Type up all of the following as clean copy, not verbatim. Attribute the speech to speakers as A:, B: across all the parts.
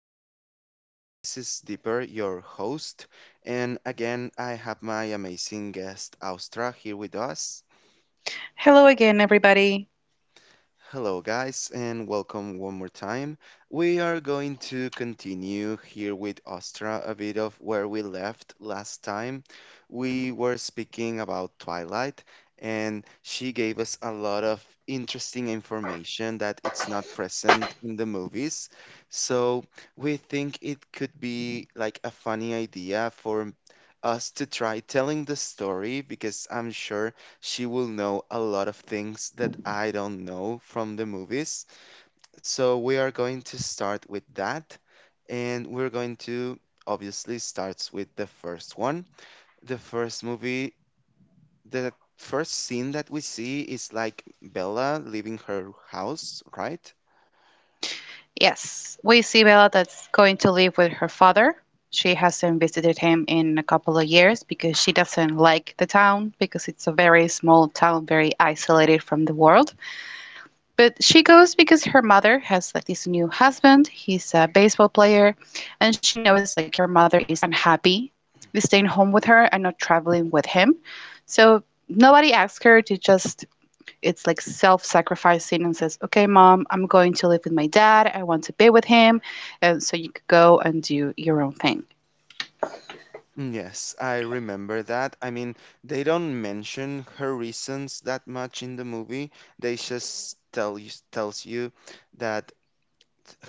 A: our podcast. This is Deeper, your host, and again, I have my amazing guest, Austra, here with us.
B: Hello again, everybody.
A: Hello, guys, and welcome one more time. We are going to continue here with Astra a bit of where we left last time. We were speaking about Twilight, and she gave us a lot of interesting information that it's not present in the movies. So we think it could be like a funny idea for us to try telling the story because I'm sure she will know a lot of things that I don't know from the movies. So we are going to start with that. And we're going to obviously starts with the first one. The first movie, the first scene that we see is like Bella leaving her house, right?
B: Yes, we see Bella that's going to live with her father. She hasn't visited him in a couple of years because she doesn't like the town because it's a very small town, very isolated from the world. But she goes because her mother has like this new husband. He's a baseball player, and she noticed like her mother is unhappy with staying home with her and not traveling with him. So nobody asks her to, just it's like self-sacrificing, and says, "Okay, Mom, I'm going to live with my dad. I want to be with him, and so you could go and do your own thing."
A: Yes, I remember that. I mean, they don't mention her reasons that much in the movie. They just tell you that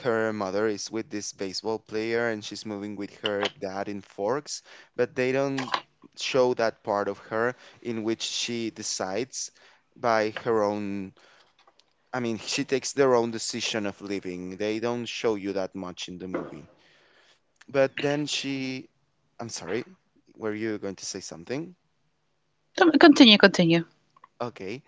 A: her mother is with this baseball player and she's moving with her dad in Forks, but they don't show that part of her in which she decides by her own, I mean, she takes their own decision of living. They don't show you that much in the movie. But then she, I'm sorry, were you going to say something?
B: Continue, continue.
A: Okay.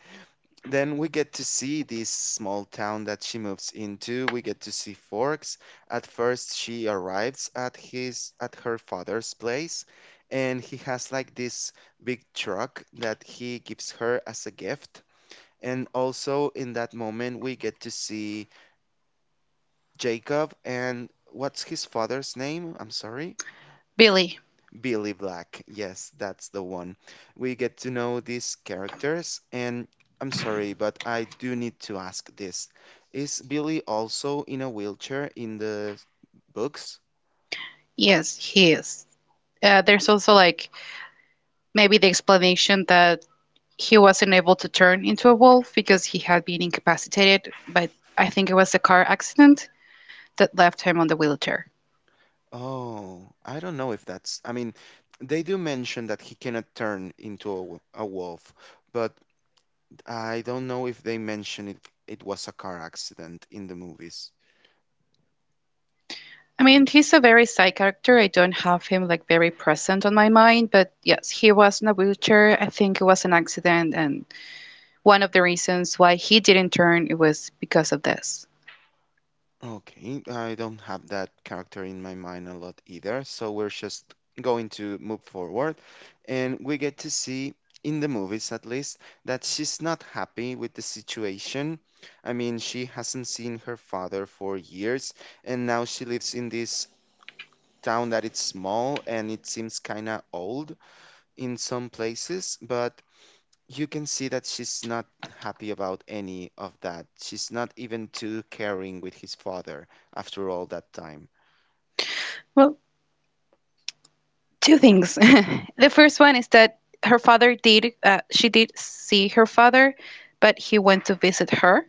A: Then we get to see this small town that she moves into. We get to see Forks. At first, she arrives at his at her father's place, and he has like this big truck that he gives her as a gift. And also in that moment, we get to see Jacob and what's his father's name? I'm sorry.
B: Billy.
A: Billy Black. Yes, that's the one. We get to know these characters, and I'm sorry, but I do need to ask this. Is Billy also in a wheelchair in the books?
B: Yes, he is. There's also like maybe the explanation that he wasn't able to turn into a wolf because he had been incapacitated, but I think it was a car accident that left him on the wheelchair.
A: Oh, I don't know if that's. I mean, they do mention that he cannot turn into a, a wolf, but I don't know if they mention it, it was a car accident in the movies.
B: I mean, he's a very side character. I don't have him like very present on my mind, but yes, he was in a wheelchair. I think it was an accident, and one of the reasons why he didn't turn it was because of this.
A: Okay, I don't have that character in my mind a lot either, so we're just going to move forward and we get to see in the movies at least that she's not happy with the situation. I mean, she hasn't seen her father for years and now she lives in this town that it's small and it seems kind of old in some places, but you can see that she's not happy about any of that. She's not even too caring with his father after all that time.
B: Well, two things. The first one is that her father did. She did see her father, but he went to visit her.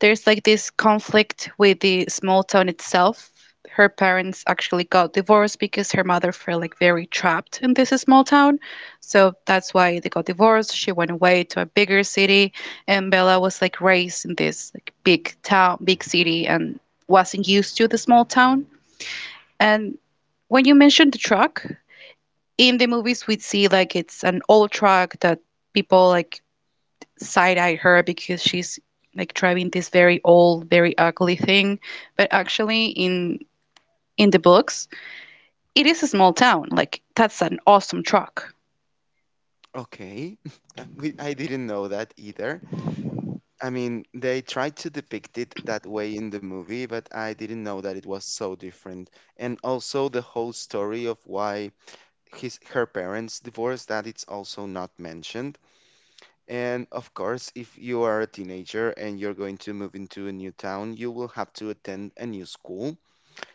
B: There's like this conflict with the small town itself. Her parents actually got divorced because her mother felt like very trapped in this small town. So that's why they got divorced. She went away to a bigger city, and Bella was like raised in this like big town, big city, and wasn't used to the small town. And when you mentioned the truck, in the movies we see like it's an old truck that people like side-eyed her because she's like driving this very old, very ugly thing. But actually, in the books, it is a small town. Like that's an awesome truck.
A: Okay, we, I didn't know that either. I mean, they tried to depict it that way in the movie, but I didn't know that it was so different. And also the whole story of why his her parents divorced, that it's also not mentioned. And of course, if you are a teenager and you're going to move into a new town, you will have to attend a new school.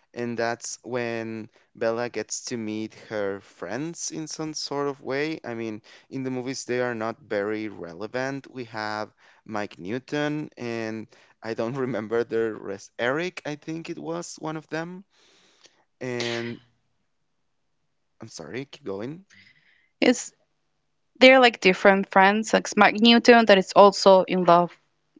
A: And that's when Bella gets to meet her friends in some sort of way. I mean, in the movies, they are not very relevant. We have Mike Newton, and I don't remember the rest. Eric, I think it was one of them. And I'm sorry, keep going.
B: It's they're like different friends. Like Mike Newton, that is also in love,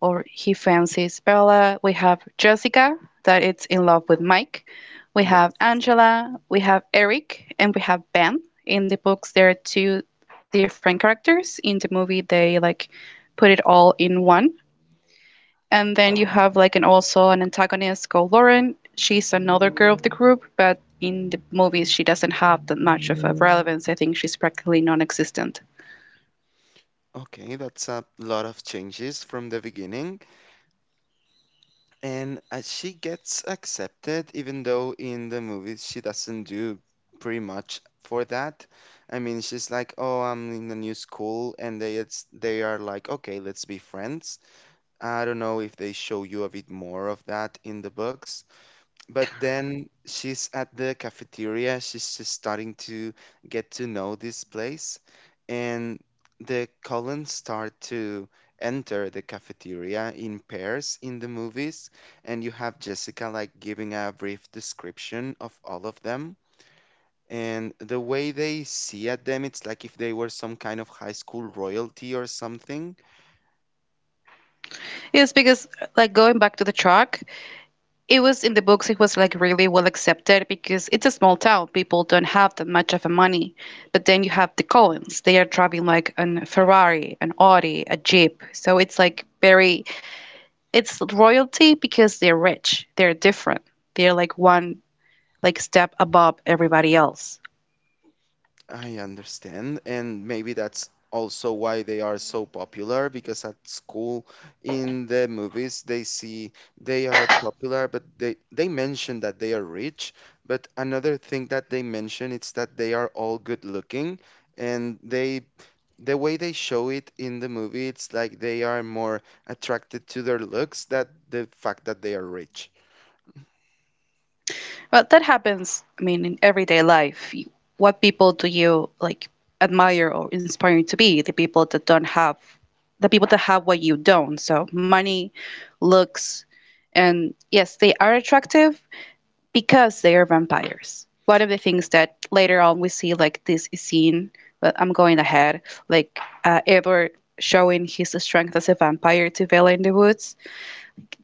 B: or he fancies Bella. We have Jessica, that is in love with Mike. We have
A: Yes.
B: Angela. We have Eric, and we have Ben. In the books, there are two different characters. In the movie, they like put it all in one. And then you have like an also an antagonist called Lauren. She's another girl of the group, but in the movies she doesn't have that much of a relevance. I think she's practically non-existent.
A: Okay, that's a lot of changes from the beginning. And she gets accepted, even though in the movies she doesn't do pretty much for that. I mean, she's like, "Oh, I'm in a new school," and they are like, "Okay, let's be friends." I don't know if they show you a bit more of that in the books, but then she's at the cafeteria. She's just starting to get to know this place. And the Cullens start to enter the cafeteria in pairs in the movies. And you have Jessica like giving a brief description of all of them. And the way they see at them, it's like if they were some kind of high school royalty or something.
B: It's because like going back to the truck, it was in the books. It was like really well accepted because it's a small town. People don't have that much of a money. But then you have the Collins. They are driving like an Ferrari, an Audi, a Jeep. So it's like very it's royalty because they're rich. They're different. They're like one like step above everybody else.
A: I understand, and maybe that's also why they are so popular because at school in the movies they see they are popular, but they mention that they are rich, but another thing that they mention is that they are all good looking, and they, the way they show it in the movie, it's like they are more attracted to their looks than the fact that they are rich.
B: But that happens, I mean, in everyday life. What people do you like admire or inspire you to be? The people that don't have, the people that have what you don't. So money, looks, and yes, they are attractive because they are vampires. One of the things that later on we see, like this scene, but I'm going ahead, like Edward showing his strength as a vampire to Vela in the woods.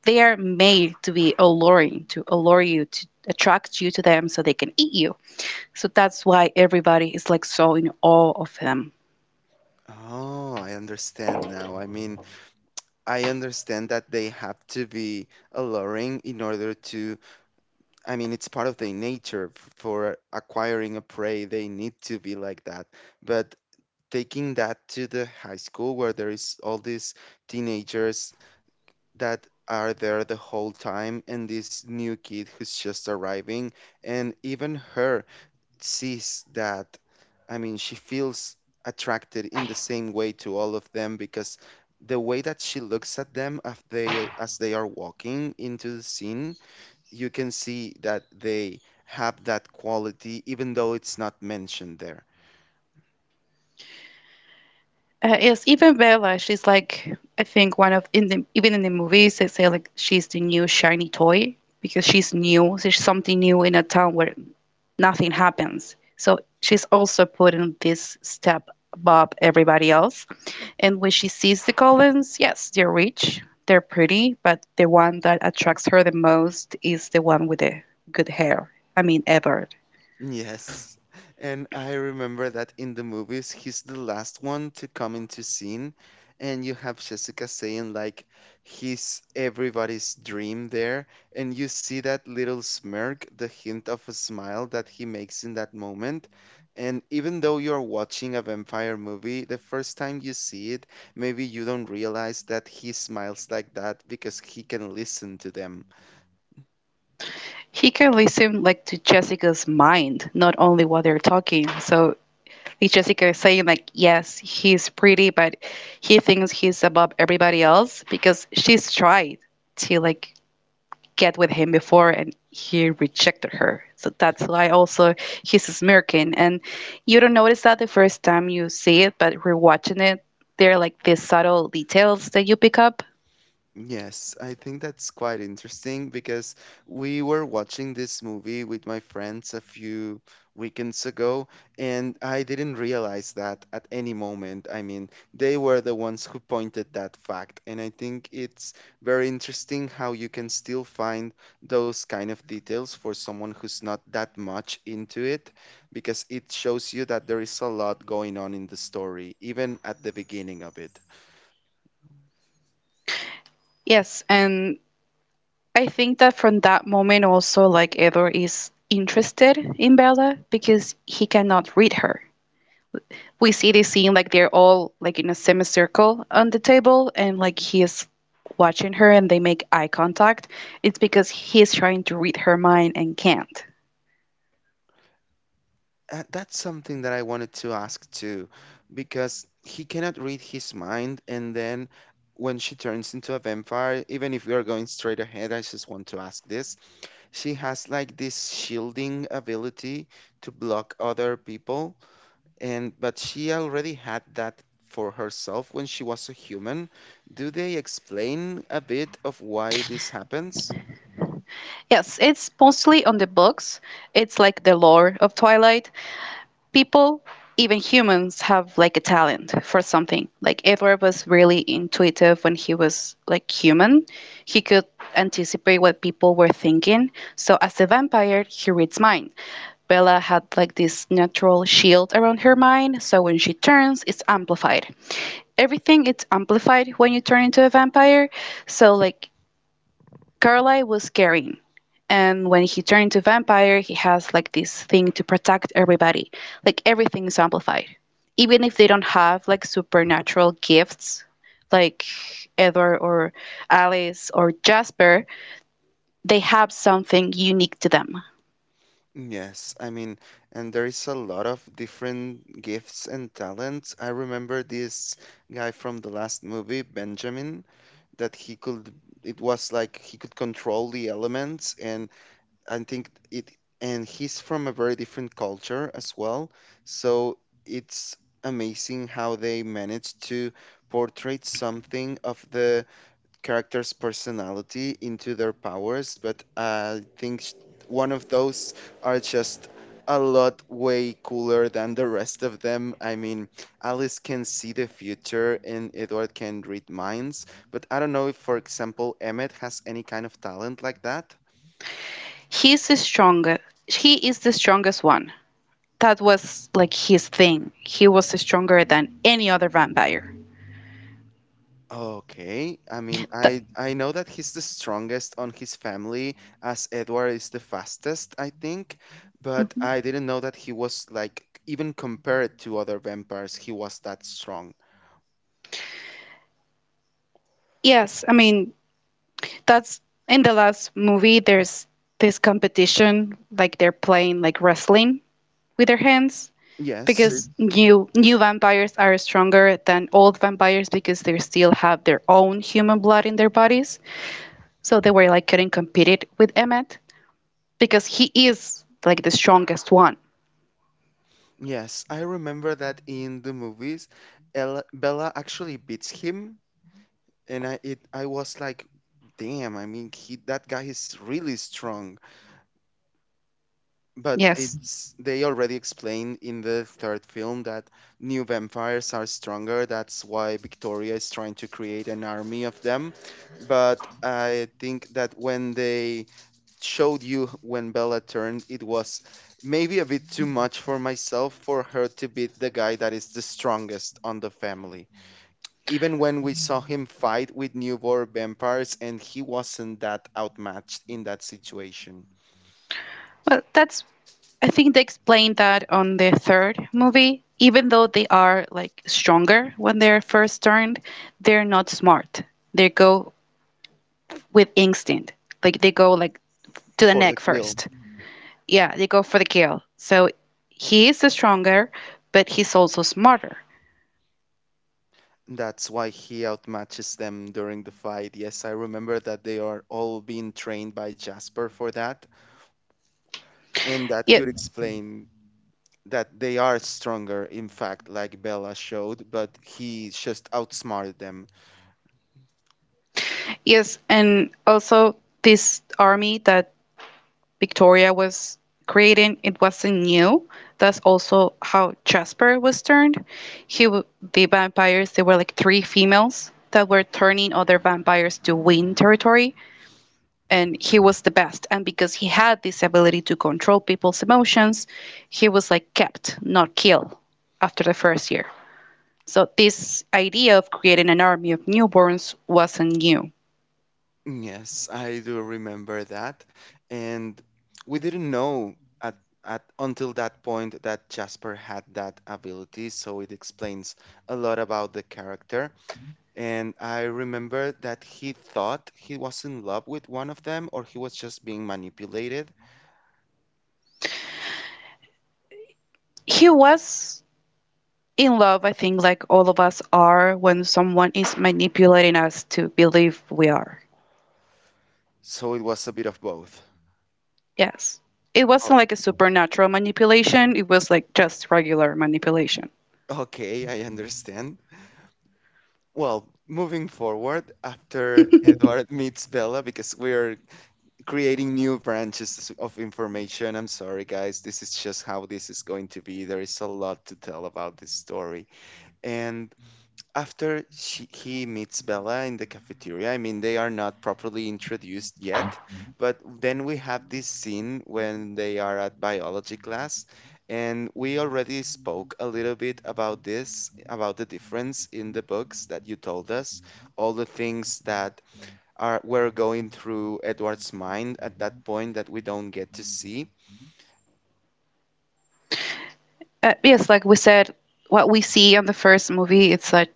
B: They are made to be alluring, to allure you, to attract you to them so they can eat you. So that's why everybody is like so in awe of him.
A: Oh, I understand now. I mean, I understand that they have to be alluring in order to, I mean, it's part of their nature for acquiring a prey. They need to be like that. But taking that to the high school where there is all these teenagers that are there the whole time and this new kid who's just arriving, and even her sees that. I mean, she feels attracted in the same way to all of them because the way that she looks at them as they are walking into the scene, you can see that they have that quality, even though it's not mentioned there.
B: Yes, even Bella, she's like I think one of in the even in the movies they say like she's the new shiny toy because she's new. So she's something new in a town where nothing happens. So she's also putting this step above everybody else. And when she sees the Collins, yes, they're rich, they're pretty, but the one that attracts her the most is the one with the good hair. I mean, Edward.
A: Yes. And I remember that in the movies, he's the last one to come into scene, and you have Jessica saying like he's everybody's dream there, and you see that little smirk, the hint of a smile that he makes in that moment. And even though you're watching a vampire movie, the first time you see it, maybe you don't realize that he smiles like that because he can listen to them.
B: He can listen like to Jessica's mind, not only what they're talking. So if Jessica is saying like, yes, he's pretty, but he thinks he's above everybody else because she's tried to like get with him before and he rejected her. So that's why also he's smirking. And you don't notice that the first time you see it, but rewatching it, there are like these subtle details that you pick up.
A: Yes, I think that's quite interesting because we were watching this movie with my friends a few weekends ago, and I didn't realize that at any moment. I mean, they were the ones who pointed that fact, and I think it's very interesting how you can still find those kind of details for someone who's not that much into it, because it shows you that there is a lot going on in the story, even at the beginning of it.
B: Yes, and I think that from that moment also like Edward is interested in Bella because he cannot read her. We see this scene like they're all like in a semicircle on the table, and like he is watching her and they make eye contact. It's because he is trying to read her mind and can't.
A: That's something that I wanted to ask too, because he cannot read his mind, and then when she turns into a vampire, even if we are going straight ahead, I just want to ask this. She has like this shielding ability to block other people, and but she already had that for herself when she was a human. Do they explain a bit of why this happens?
B: Yes, it's mostly on the books. It's like the lore of Twilight. People, even humans, have like a talent for something. Like Edward was really intuitive when he was like human. He could anticipate what people were thinking, so as a vampire he reads minds. Bella had like this natural shield around her mind, so when she turns, it's amplified. Everything it's amplified when you turn into a vampire. So like Carlyle was caring, and when he turned into vampire, he has like this thing to protect everybody. Like everything is amplified, even if they don't have like supernatural gifts, like Edward or Alice or Jasper. They have something unique to them.
A: Yes, I mean, and there is a lot of different gifts and talents. I remember this guy from the last movie, Benjamin, that he could, it was like he could control the elements, and I think it, and he's from a very different culture as well. So it's amazing how they managed to portray something of the character's personality into their powers, but I think one of those are just a lot way cooler than the rest of them. I mean, Alice can see the future and Edward can read minds, but I don't know if, for example, Emmett has any kind of talent like that.
B: He's the strongest. He is the strongest one that was like his thing. He was stronger than any other vampire.
A: Okay, I mean,
B: That-
A: I know that he's the strongest on his family, as Edward is the fastest, I think, but
B: mhm.
A: I didn't know that he was like even compared to other vampires, he was that strong.
B: Yes, I mean that's in the last movie. There's this competition, like they're playing like wrestling with their hands
A: Yes, it-
B: because new vampires are stronger than old vampires because they still have their own human blood in their bodies. So they were like couldn't compete it with Emmett because he is like the strongest one.
A: yes, I remember that in the movies, Bella actually beats him, and I was like, damn, I mean, he that guy is really strong. But
B: Yes.
A: it's they already explained in the third film that new vampires are stronger. That's why Victoria is trying to create an army of them. But I think that when they showed you when Bella turned, it was maybe a bit too much for myself for her to beat the guy that is the strongest on the family. Even when we saw him fight with newborn vampires and he wasn't that outmatched in that situation
B: Well, that's I think they explained that on the third movie. Even though they are like stronger when they're first turned, they're not smart. They go with instinct. Like they go like to the
A: for the
B: neck
A: kill.
B: first. Yeah, they go for the kill. So he is stronger, but he's also smarter.
A: That's why he outmatches them during the fight. Yes, I remember that they are all being trained by Jasper for that, and that
B: Yeah,
A: could explain that they are stronger, in fact, like Bella showed, but he just outsmarted them.
B: yes, and also this army that Victoria was creating, it wasn't new. That's also how Jasper was turned. He, the vampires, there were like three females that were turning other vampires to win territory, and he was the best. And because he had this ability to control people's emotions, he was like kept, not killed, after the first year. So this idea of creating an army of newborns wasn't new.
A: Yes, I do remember that. And we didn't know at, at until that point that Jasper had that ability, so it explains a lot about the character. And I remember that he thought he was in love with one of them or he was just being manipulated.
B: He was in love, I think like all of us are when someone is manipulating us to believe we are.
A: So it was a bit of both.
B: Yes. It
A: O-
B: wasn't like a supernatural manipulation, it was like just regular manipulation.
A: Okay, I understand. Well, moving forward, after Edward meets Bella, because we are creating new branches of information. I'm sorry, guys. This is just how this is going to be. There is a lot to tell about this story. And after he meets Bella in the cafeteria, I mean, they are not properly introduced yet, but then we have this scene when they are at biology class, and we already spoke a little bit about this, about the difference in the books that you told us, all the things that are were going through Edward's mind at that point that we don't get to see.
B: Yes, like we said, what we see on the first movie, it's like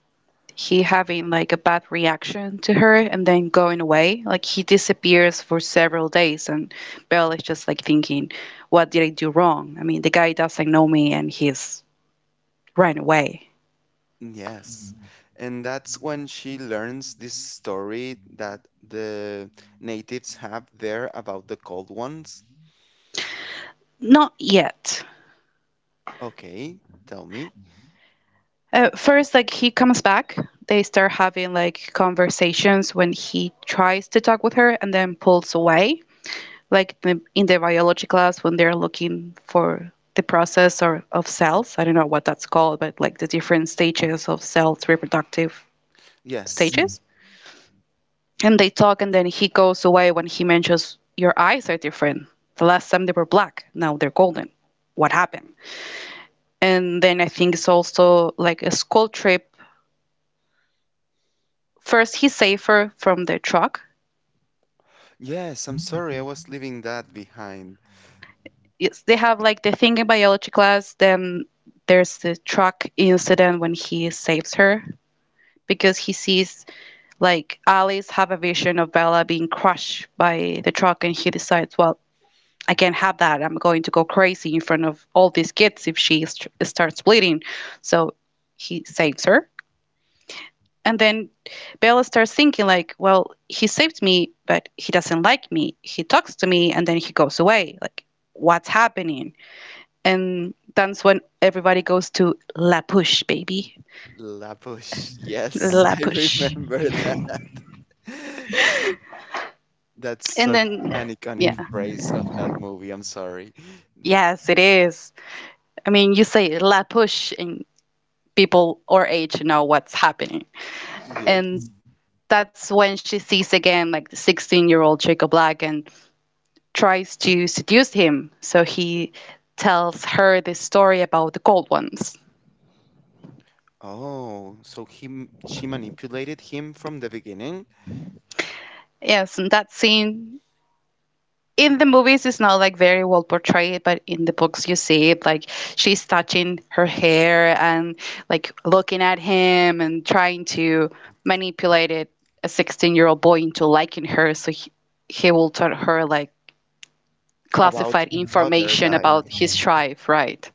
B: he having like a bad reaction to her and then going away. Like he disappears for several days, and Belle is just like thinking, what did I do wrong? I mean, the guy doesn't know me and he's ran away.
A: Yes. And that's when she learns this story that the natives have there about the cold ones.
B: Not yet.
A: Okay, tell me.
B: First, like he comes back, they start having like conversations when he tries to talk with her and then pulls away, like in the biology class when they're looking for the process or of cells. I don't know what that's called, but like the different stages of cells, reproductive
A: Yes.
B: stages. And they talk, and then he goes away when he mentions your eyes are different. The last time they were black, now they're golden. What happened? And then I think it's also like a school trip. First he's safer from the truck.
A: Yes, I'm sorry, I was leaving that behind.
B: It's, they have like the thing in biology class, then there's the truck incident when he saves her because he sees like Alice have a vision of Bella being crushed by the truck and he decides, well, I can't have that. I'm going to go crazy in front of all these kids if starts bleeding. So he saves her. And then Bella starts thinking, like, well, he saved me, but he doesn't like me. He talks to me and then he goes away. Like, what's happening? And that's when everybody goes to La Push, baby.
A: Labush. Yes,
B: La
A: I
B: Push.
A: remember that. That's
B: And
A: such
B: then,
A: an
B: yeah.
A: iconic phrase of that movie. I'm sorry.
B: Yes, it is. I mean, you say La Push, and people or age know what's happening. And
A: Yes.
B: that's when she sees again, like, the 16-year-old Jacob Black and tries to seduce him. So he tells her the story about the cold ones.
A: Oh, so she manipulated him from the beginning
B: Yes, and that scene in the movies is not like very well portrayed, but in the books you see it like she's touching her hair and like looking at him and trying to manipulate it, a 16-year-old boy into liking her. So he will tell her like
A: about
B: classified
A: other
B: information
A: guy.
B: about his tribe, right?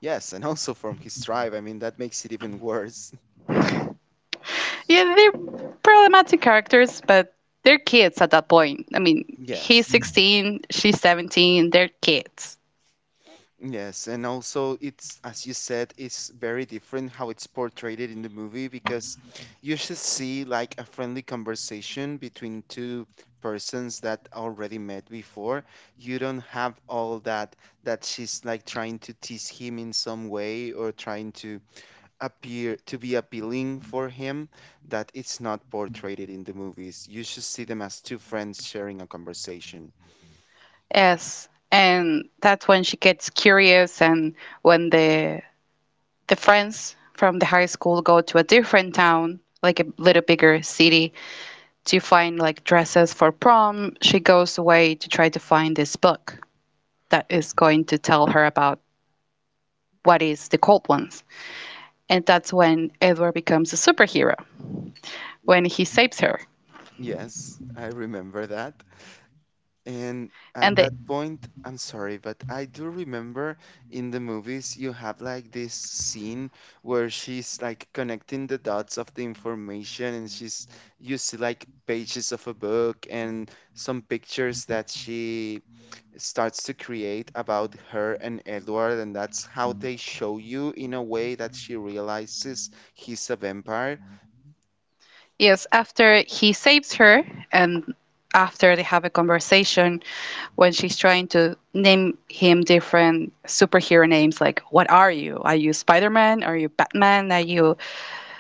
A: Yes, and also from his tribe. I mean, that makes it even worse.
B: Yeah, they're problematic characters, but they're kids at that point. I mean, he's
A: Yes.
B: 16, she's 17, they're kids.
A: Yes, and also as you said, it's very different how it's portrayed in the movie because you should see like a friendly conversation between two persons that already met before. You don't have all that she's like trying to tease him in some way or trying to appear to be appealing for him that it's not portrayed in the movies. You should see them as two friends sharing a conversation.
B: Yes. And that's when she gets curious and when the friends from the high school go to a different town, like a little bigger city, to find like dresses for prom. She goes away to try to find this book that is going to tell her about what is the cold ones. And that's when Edward becomes a superhero when he saves her
A: Yes, I remember that. And
B: and they,
A: at that point, I'm sorry, but I do remember in the movies you have like this scene where she's like connecting the dots of the information and she's you see like pages of a book and some pictures that she starts to create about her and Edward, and that's how they show you in a way that she realizes he's a vampire.
B: yes, after he saves her, and after they have a conversation, when she's trying to name him different superhero names, like what are you? Are you Spider Man? Are you Batman? Are you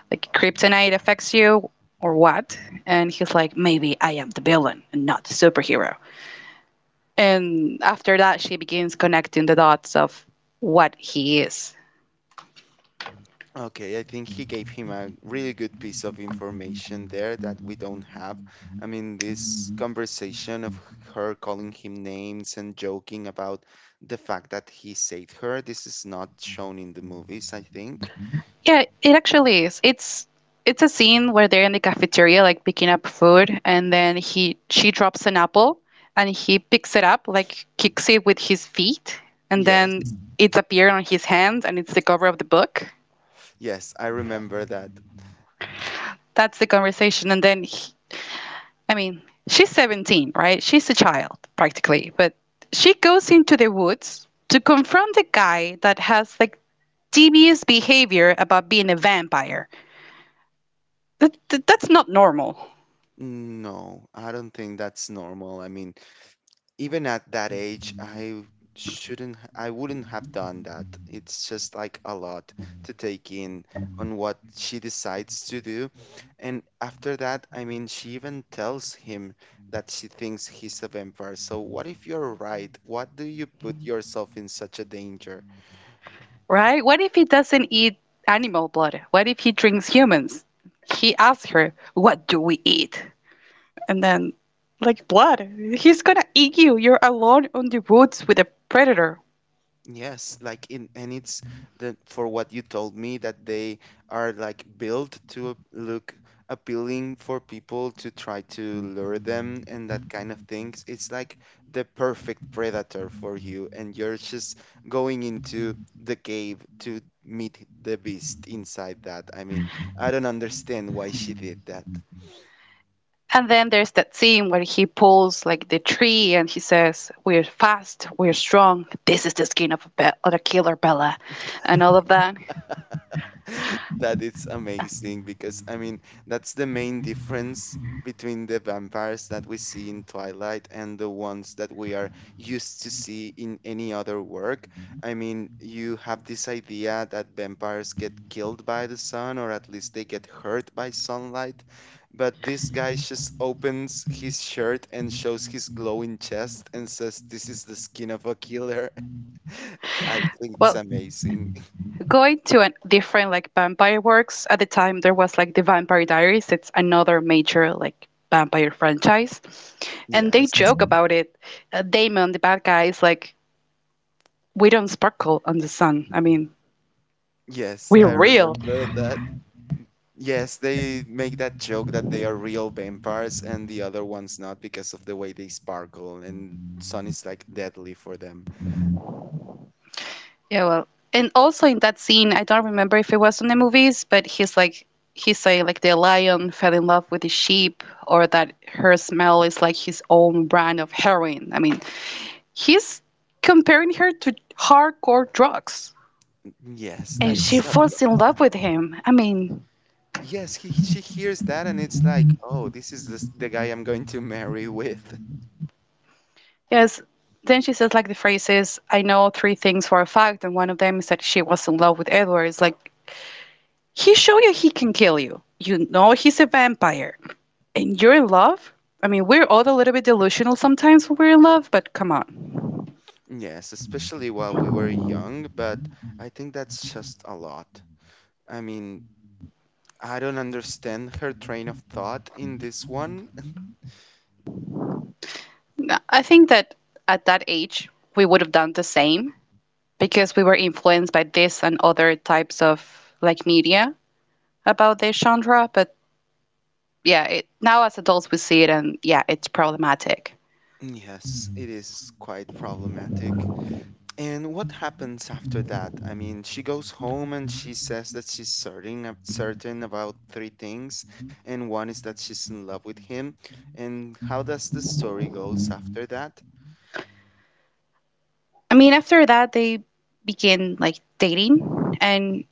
B: like Kryptonite affects you or what? And he's like, maybe I am the villain and not the superhero. And after that, she begins connecting the dots of what he is.
A: Okay, I think he gave him a really good piece of information there that we don't have. I mean, this conversation of her calling him names and joking about the fact that he saved her, this is not shown in the movies, I think.
B: Yeah, it actually is. It's a scene where they're in the cafeteria, like picking up food, and then he she drops an apple, and he picks it up, like kicks it with his feet, and then
A: Yes,
B: it's appeared on his hands, and it's the cover of the book.
A: yes, I remember that.
B: That's the conversation, and then I mean, she's 17, right? She's a child practically, but she goes into the woods to confront a guy that has like devious behavior about being a vampire. That's not normal.
A: No, I don't think that's normal. I mean, even at that age, I shouldn't, h- I wouldn't have done that. It's just like a lot to take in on what she decides to do. And after that, I mean, she even tells him that she thinks he's a vampire. So what if you're right? What do you put yourself in such a danger?
B: Right? What if he doesn't eat animal blood? What if he drinks humans? He asks her, what do we eat? And then, like, blood. He's gonna eat you. You're alone on the woods with a predator.
A: Yes, like in, and it's the for what you told me that they are like built to look appealing for people to try to lure them and that kind of things. It's like the perfect predator for you, and you're just going into the cave to meet the beast inside that. I mean, I don't understand why she did that.
B: And then there's that scene where he pulls, like, the tree and he says, we're fast, we're strong, this is the skin of a killer, Bella, and all of that.
A: That is amazing because I mean that's the main difference between the vampires that we see in Twilight and the ones that we are used to see in any other work. I mean, you have this idea that vampires get killed by the sun or at least they get hurt by sunlight, but this guy just opens his shirt and shows his glowing chest and says, "This is the skin of a killer." I think it's
B: Well,
A: amazing.
B: going to a different like vampire works, at the time there was like the Vampire Diaries, it's another major like vampire franchise, and they joke
A: Yes.
B: about it. Damon, the bad guy, is like, we don't sparkle on the sun, I mean,
A: Yes,
B: we're
A: I
B: real.
A: remember that. Yes, they make that joke that they are real vampires and the other ones not because of the way they sparkle and sun is like deadly for them.
B: Yeah, well, and also in that scene, I don't remember if it was in the movies, but he's saying like the lion fell in love with the sheep, or that her smell is like his own brand of heroin. He's comparing her to hardcore drugs,
A: Yes,
B: and
A: that
B: she
A: is a
B: falls in
A: lot.
B: love with him. I mean,
A: Yes, he she hears that and it's like, oh, the guy I'm going to marry with.
B: yes. Then she says, like, the phrase is, "I know three things for a fact, and one of them is that she was in love with Edward." It's like he showed you he can kill you. You know he's a vampire, and you're in love. I mean, we're all a little bit delusional sometimes when we're in love, but come on.
A: Yes, especially while we were young, but I think that's just a lot. I mean, I don't understand her train of thought in this one.
B: I think that at that age we would have done the same because we were influenced by this and other types of like media about this genre, but yeah, now as adults we see it and yeah, it's problematic.
A: Yes, it is quite problematic. And what happens after that? I mean, she goes home and she says that certain about three things, and one is that she's in love with him. And how does the story goes after that?
B: I mean, after that they begin like dating and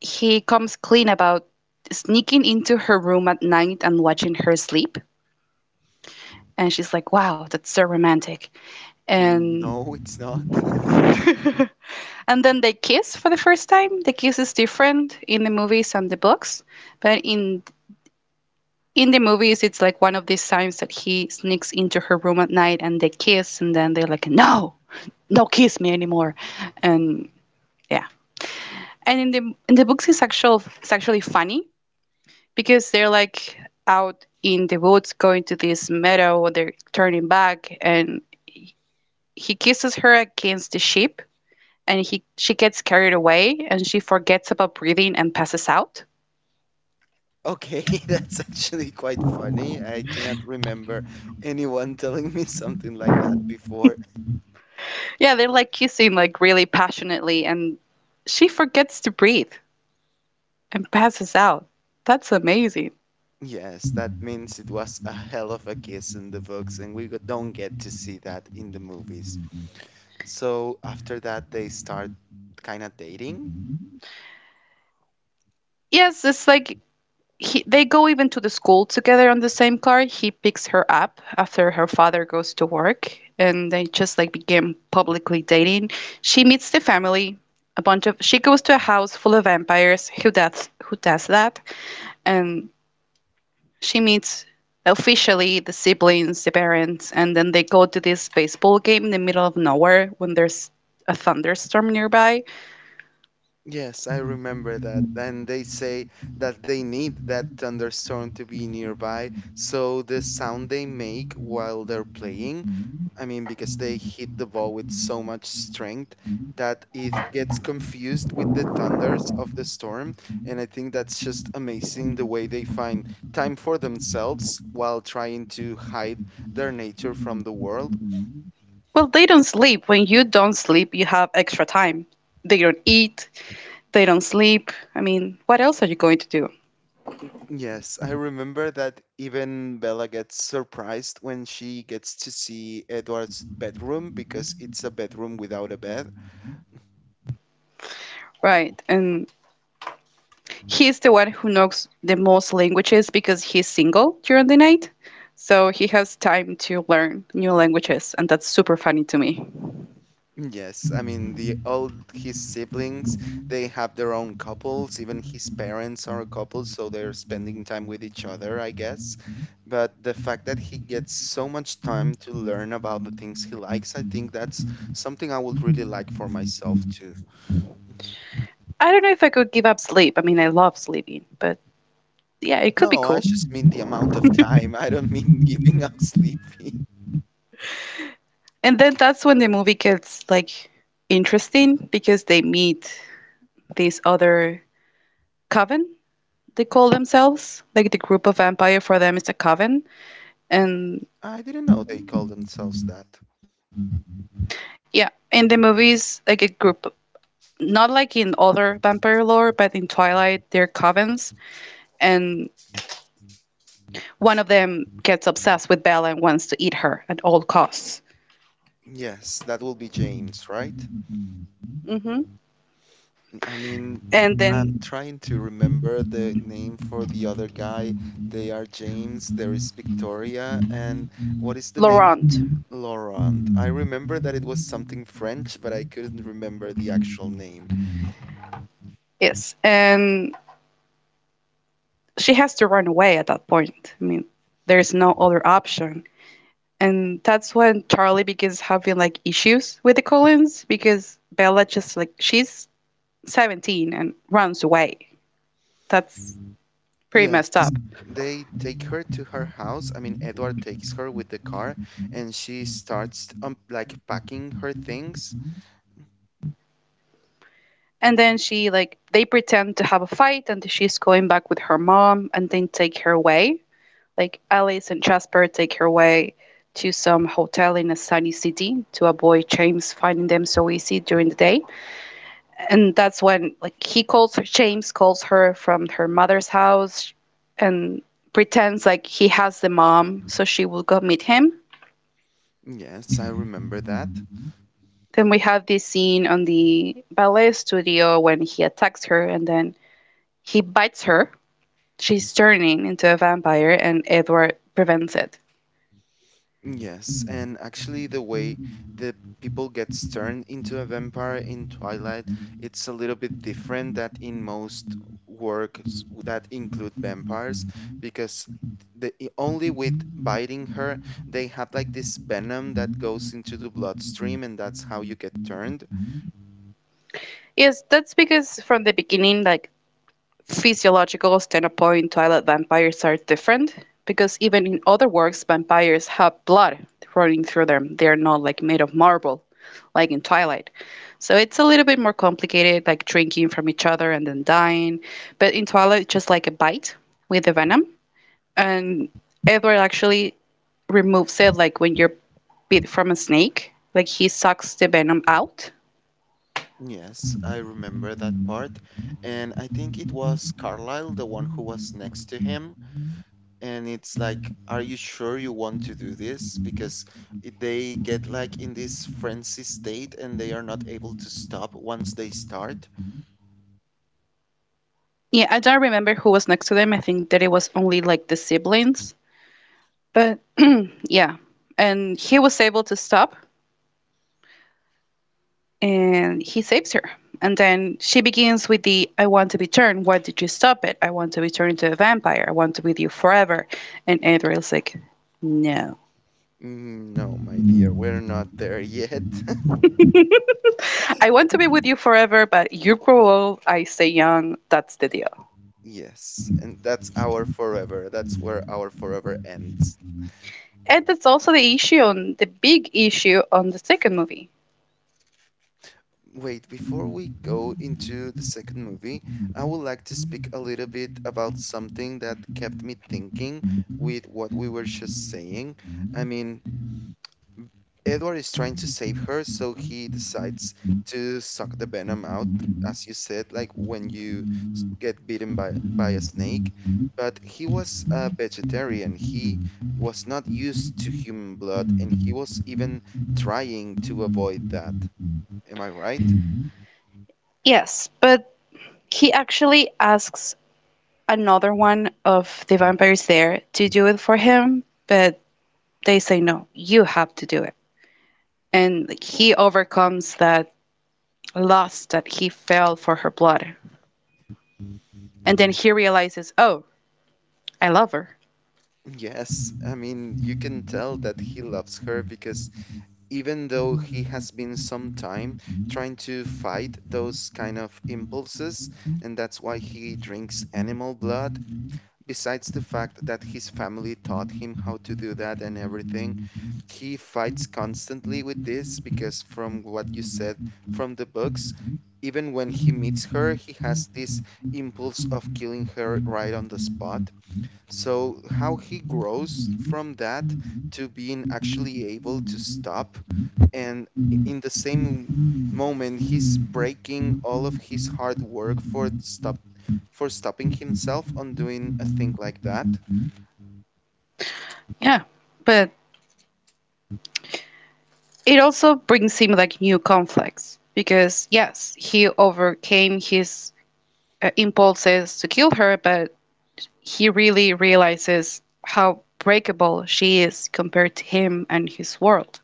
B: he comes clean about sneaking into her room at night and watching her sleep, and she's like, "Wow, that's so romantic."
A: Mm, no,
B: And
A: it's not.
B: and then they kiss for the first time. The kiss is different in the movies and the books, but in the movies it's like one of these signs that he sneaks into her room at night and they kiss and then they're like, "No, don't kiss me anymore." And yeah. And in the books it's actually funny because they're like out in the woods going to this meadow, they're turning back and he kisses her against the sheep, and he she gets carried away and she forgets about breathing and passes out.
A: Okay, that's actually quite funny. I cannot remember anyone telling me something like that before.
B: Yeah, they're like kissing like really passionately and she forgets to breathe and passes out. That's amazing.
A: Yes, that means it was a hell of a kiss in the books, and we don't get to see that in the movies. So after that, they start kind of dating.
B: Yes, it's like they go even to the school together on the same car. He picks her up after her father goes to work, and they just like begin publicly dating. She meets the family. A bunch of she goes to a house full of vampires. Who does that? And she meets officially the siblings, the parents, and then they go to this baseball game in the middle of nowhere when there's a thunderstorm nearby.
A: Yes, I remember that. And they say that they need that thunderstorm to be nearby. So the sound they make while they're playing, I mean, because they hit the ball with so much strength that it gets confused with the thunders of the storm. And I think that's just amazing the way they find time for themselves while trying to hide their nature from the world.
B: Well, they don't sleep. When you don't sleep, you have extra time. They don't eat. They don't sleep. I mean, what else are you going to do?
A: Yes, I remember that even Bella gets surprised when she gets to see Edward's bedroom because it's a bedroom without a bed.
B: Right. And he's the one who knows the most languages because he's single during the night. So he has time to learn new languages, and that's super funny to me.
A: Yes, I mean the all his siblings, they have their own couples, even his parents are a couple, so they're spending time with each other, I guess. But the fact that he gets so much time to learn about the things he likes, I think that's something I would really like for myself too.
B: I don't know if I could give up sleep. I mean, I love sleeping, but yeah, it could be
A: No, I
B: cool.
A: just mean the amount of time. I don't mean giving up Sleepy.
B: And then that's when the movie gets like interesting because they meet this other coven, they call themselves. Like the group of vampire for them is a coven. And
A: I didn't know they call themselves that.
B: yeah, in the movies, like a group, not like in other vampire lore, but in Twilight, they're covens, and one of them gets obsessed with Bella and wants to eat her at all costs.
A: Yes, that will be James, right?
B: Hmm.
A: I mean,
B: And
A: I'm
B: then
A: trying to remember the name for the other guy. They are James, there is Victoria, and what is the name of
B: Laurent,
A: Laurent? I remember that it was something French, but I couldn't remember the actual name.
B: yes, and she has to run away at that point. I mean, there's no other option. And that's when Charlie begins having like issues with the Collins because Bella just like she's 17 and runs away. That's pretty messed up.
A: Yes, they take her to her house. I mean, Edward takes her with the car and she starts like packing her things.
B: And then she like they pretend to have a fight and she's going back with her mom and then take her away. Like Alice and Jasper take her away to some hotel in a sunny city to avoid James finding them so easy during the day. And that's when like he calls her James calls her from her mother's house and pretends like he has the mom so she will go meet him.
A: Yes, I remember that.
B: Then we have this scene on the ballet studio when he attacks her and then he bites her, she's turning into a vampire and Edward prevents it.
A: Yes, and actually the way the people gets turned into a vampire in Twilight, it's a little bit different that in most works that include vampires because only with biting her they have like this venom that goes into the bloodstream and that's how you get turned.
B: Yes, that's because from the beginning, like physiological standpoint, Twilight vampires are different because even in other works, vampires have blood running through them. They're not like made of marble, like in Twilight. So it's a little bit more complicated, like drinking from each other and then dying. But in Twilight, just like a bite with the venom. And Edward actually removes it like when you're bit from a snake. Like he sucks the venom out.
A: Yes, I remember that part. And I think it was Carlyle, the one who was next to him. And it's like, are you sure you want to do this? Because they get like in this frenzy state and they are not able to stop once they start.
B: Yeah, I don't remember who was next to them. I think that it was only like the siblings. But yeah, and he was able to stop and he saves her. And then she begins with the I want to be turned. Why did you stop it? I want to be turned into a vampire. I want to be with you forever. And Adriel's like, no.
A: Mm, no, my dear, we're not there yet.
B: I want to be with you forever, but you grow old, I stay young. That's the deal.
A: Yes, and that's our forever. That's where our forever ends.
B: And that's also the big issue on the second movie.
A: Wait, before we go into the second movie, I would like to speak a little bit about something that kept me thinking with what we were just saying. I mean, Edward is trying to save her, so he decides to suck the venom out, as you said, like when you get bitten by a snake. But he was a vegetarian. He was not used to human blood, and he was even trying to avoid that. Am I right?
B: Yes, but he actually asks another one of the vampires there to do it for him, but they say no, you have to do it. And like, he overcomes that loss that he felt for her blood. And then he realizes, oh, I love her.
A: Yes, I mean, you can tell that he loves her because even though he has been some time trying to fight those kind of impulses, and that's why he drinks animal blood, besides the fact that his family taught him how to do that and everything, he fights constantly with this because, from what you said from the books, even when he meets her, he has this impulse of killing her right on the spot. So how he grows from that to being actually able to stop and in the same moment he's breaking all of his hard work for stop for stopping himself on doing a thing like that.
B: Yeah. But it also brings him like new conflicts because, yes, he overcame his impulses to kill her, but he really realizes how breakable she is compared to him and his world.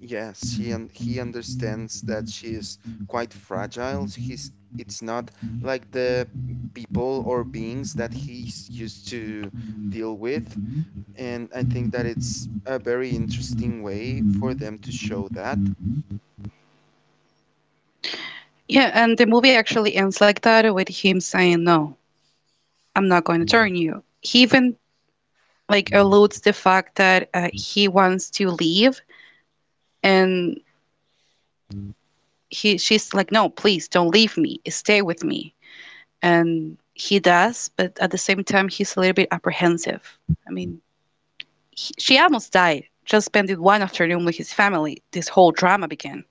A: Yes, she and he understands that she is quite fragile. He's it's not like the people or beings that he's used to deal with. And I think that it's a very interesting way for them to show that.
B: Yeah, and the movie actually ends like that with him saying, no, I'm not going to turn you. He even like alludes the fact that he wants to leave, and he she's like, no, please don't leave me, stay with me. And he does, but at the same time he's a little bit apprehensive. i mean she almost died just spending one afternoon with his family, this whole drama began.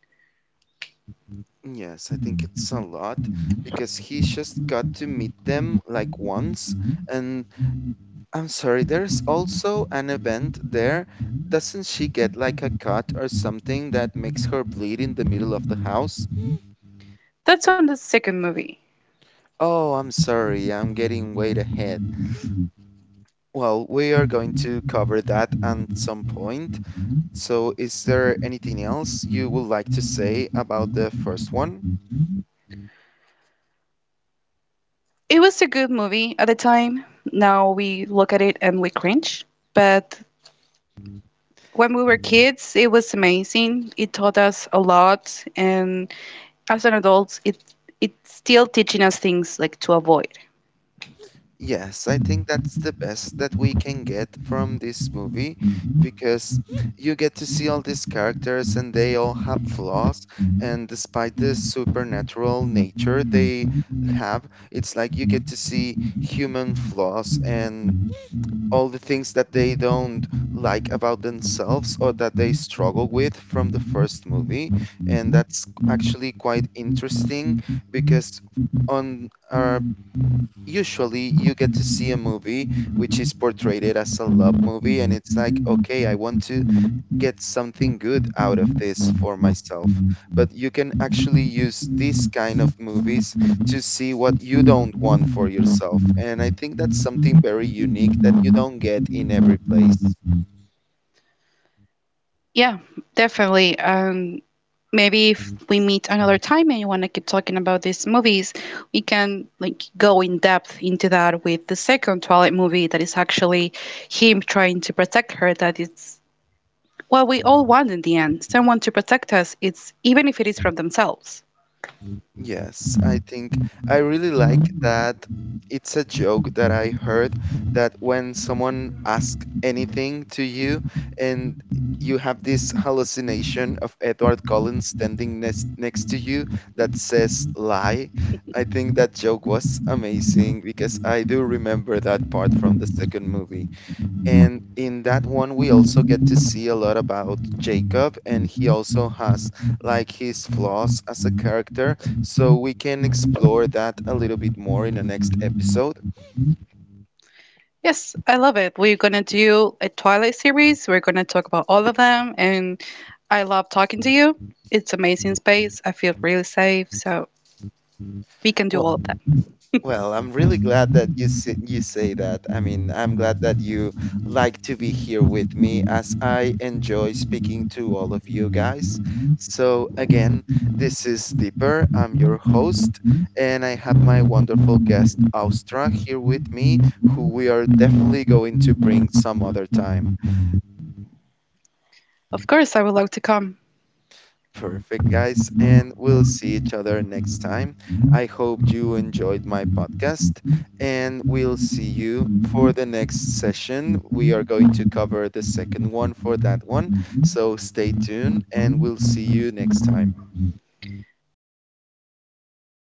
A: Yes, I think it's a lot because he just got to meet them like once. And I'm sorry, there's also an event there. Doesn't she get like a cut or something that makes her bleed in the middle of the house?
B: That's on the second movie.
A: Oh, I'm sorry, I'm getting way ahead. Well, we are going to cover that at some point. So, is there anything else you would like to say about the first one?
B: It was a good movie at the time. Now we look at it and we cringe. But when we were kids, it was amazing. It taught us a lot, and as an adult, it's still teaching us things like to avoid.
A: Yes, I think that's the best that we can get from this movie because you get to see all these characters and they all have flaws, and despite the supernatural nature they have, it's like you get to see human flaws and all the things that they don't like about themselves or that they struggle with from the first movie. And that's actually quite interesting because on our usually you get to see a movie which is portrayed as a love movie and it's like, okay, I want to get something good out of this for myself. But you can actually use these kind of movies to see what you don't want for yourself. And I think that's something very unique that you don't get in every place.
B: Yeah, definitely. Maybe if we meet another time and you want to keep talking about these movies, we can like go in depth into that with the second Twilight movie that is actually him trying to protect her. That it's what we all want in the end, someone to protect us, it's even if it is from themselves.
A: Yes, I think I really like that it's a joke that I heard that when someone asks anything to you and you have this hallucination of Edward Cullen standing next to you that says lie. I think that joke was amazing because I do remember that part from the second movie. And in that one, we also get to see a lot about Jacob, and he also has like his flaws as a character. So we can explore that a little bit more in the next episode.
B: Yes, I love it. We're gonna do a Twilight series. We're gonna talk about all of them, and I love talking to you. It's amazing space. I feel really safe, so we can do
A: Well,
B: all of them.
A: Well, I'm really glad that you you say that. I mean, I'm glad that you like to be here with me as I enjoy speaking to all of you guys. So again, this is Deeper. I'm your host, and I have my wonderful guest Austra here with me, who we are definitely going to bring some other time.
B: Of course, I would love to come.
A: Perfect, guys, and we'll see each other next time. I hope you enjoyed my podcast, and we'll see you for the next session. We are going to cover the second one for that one, so stay tuned, and we'll see you next time.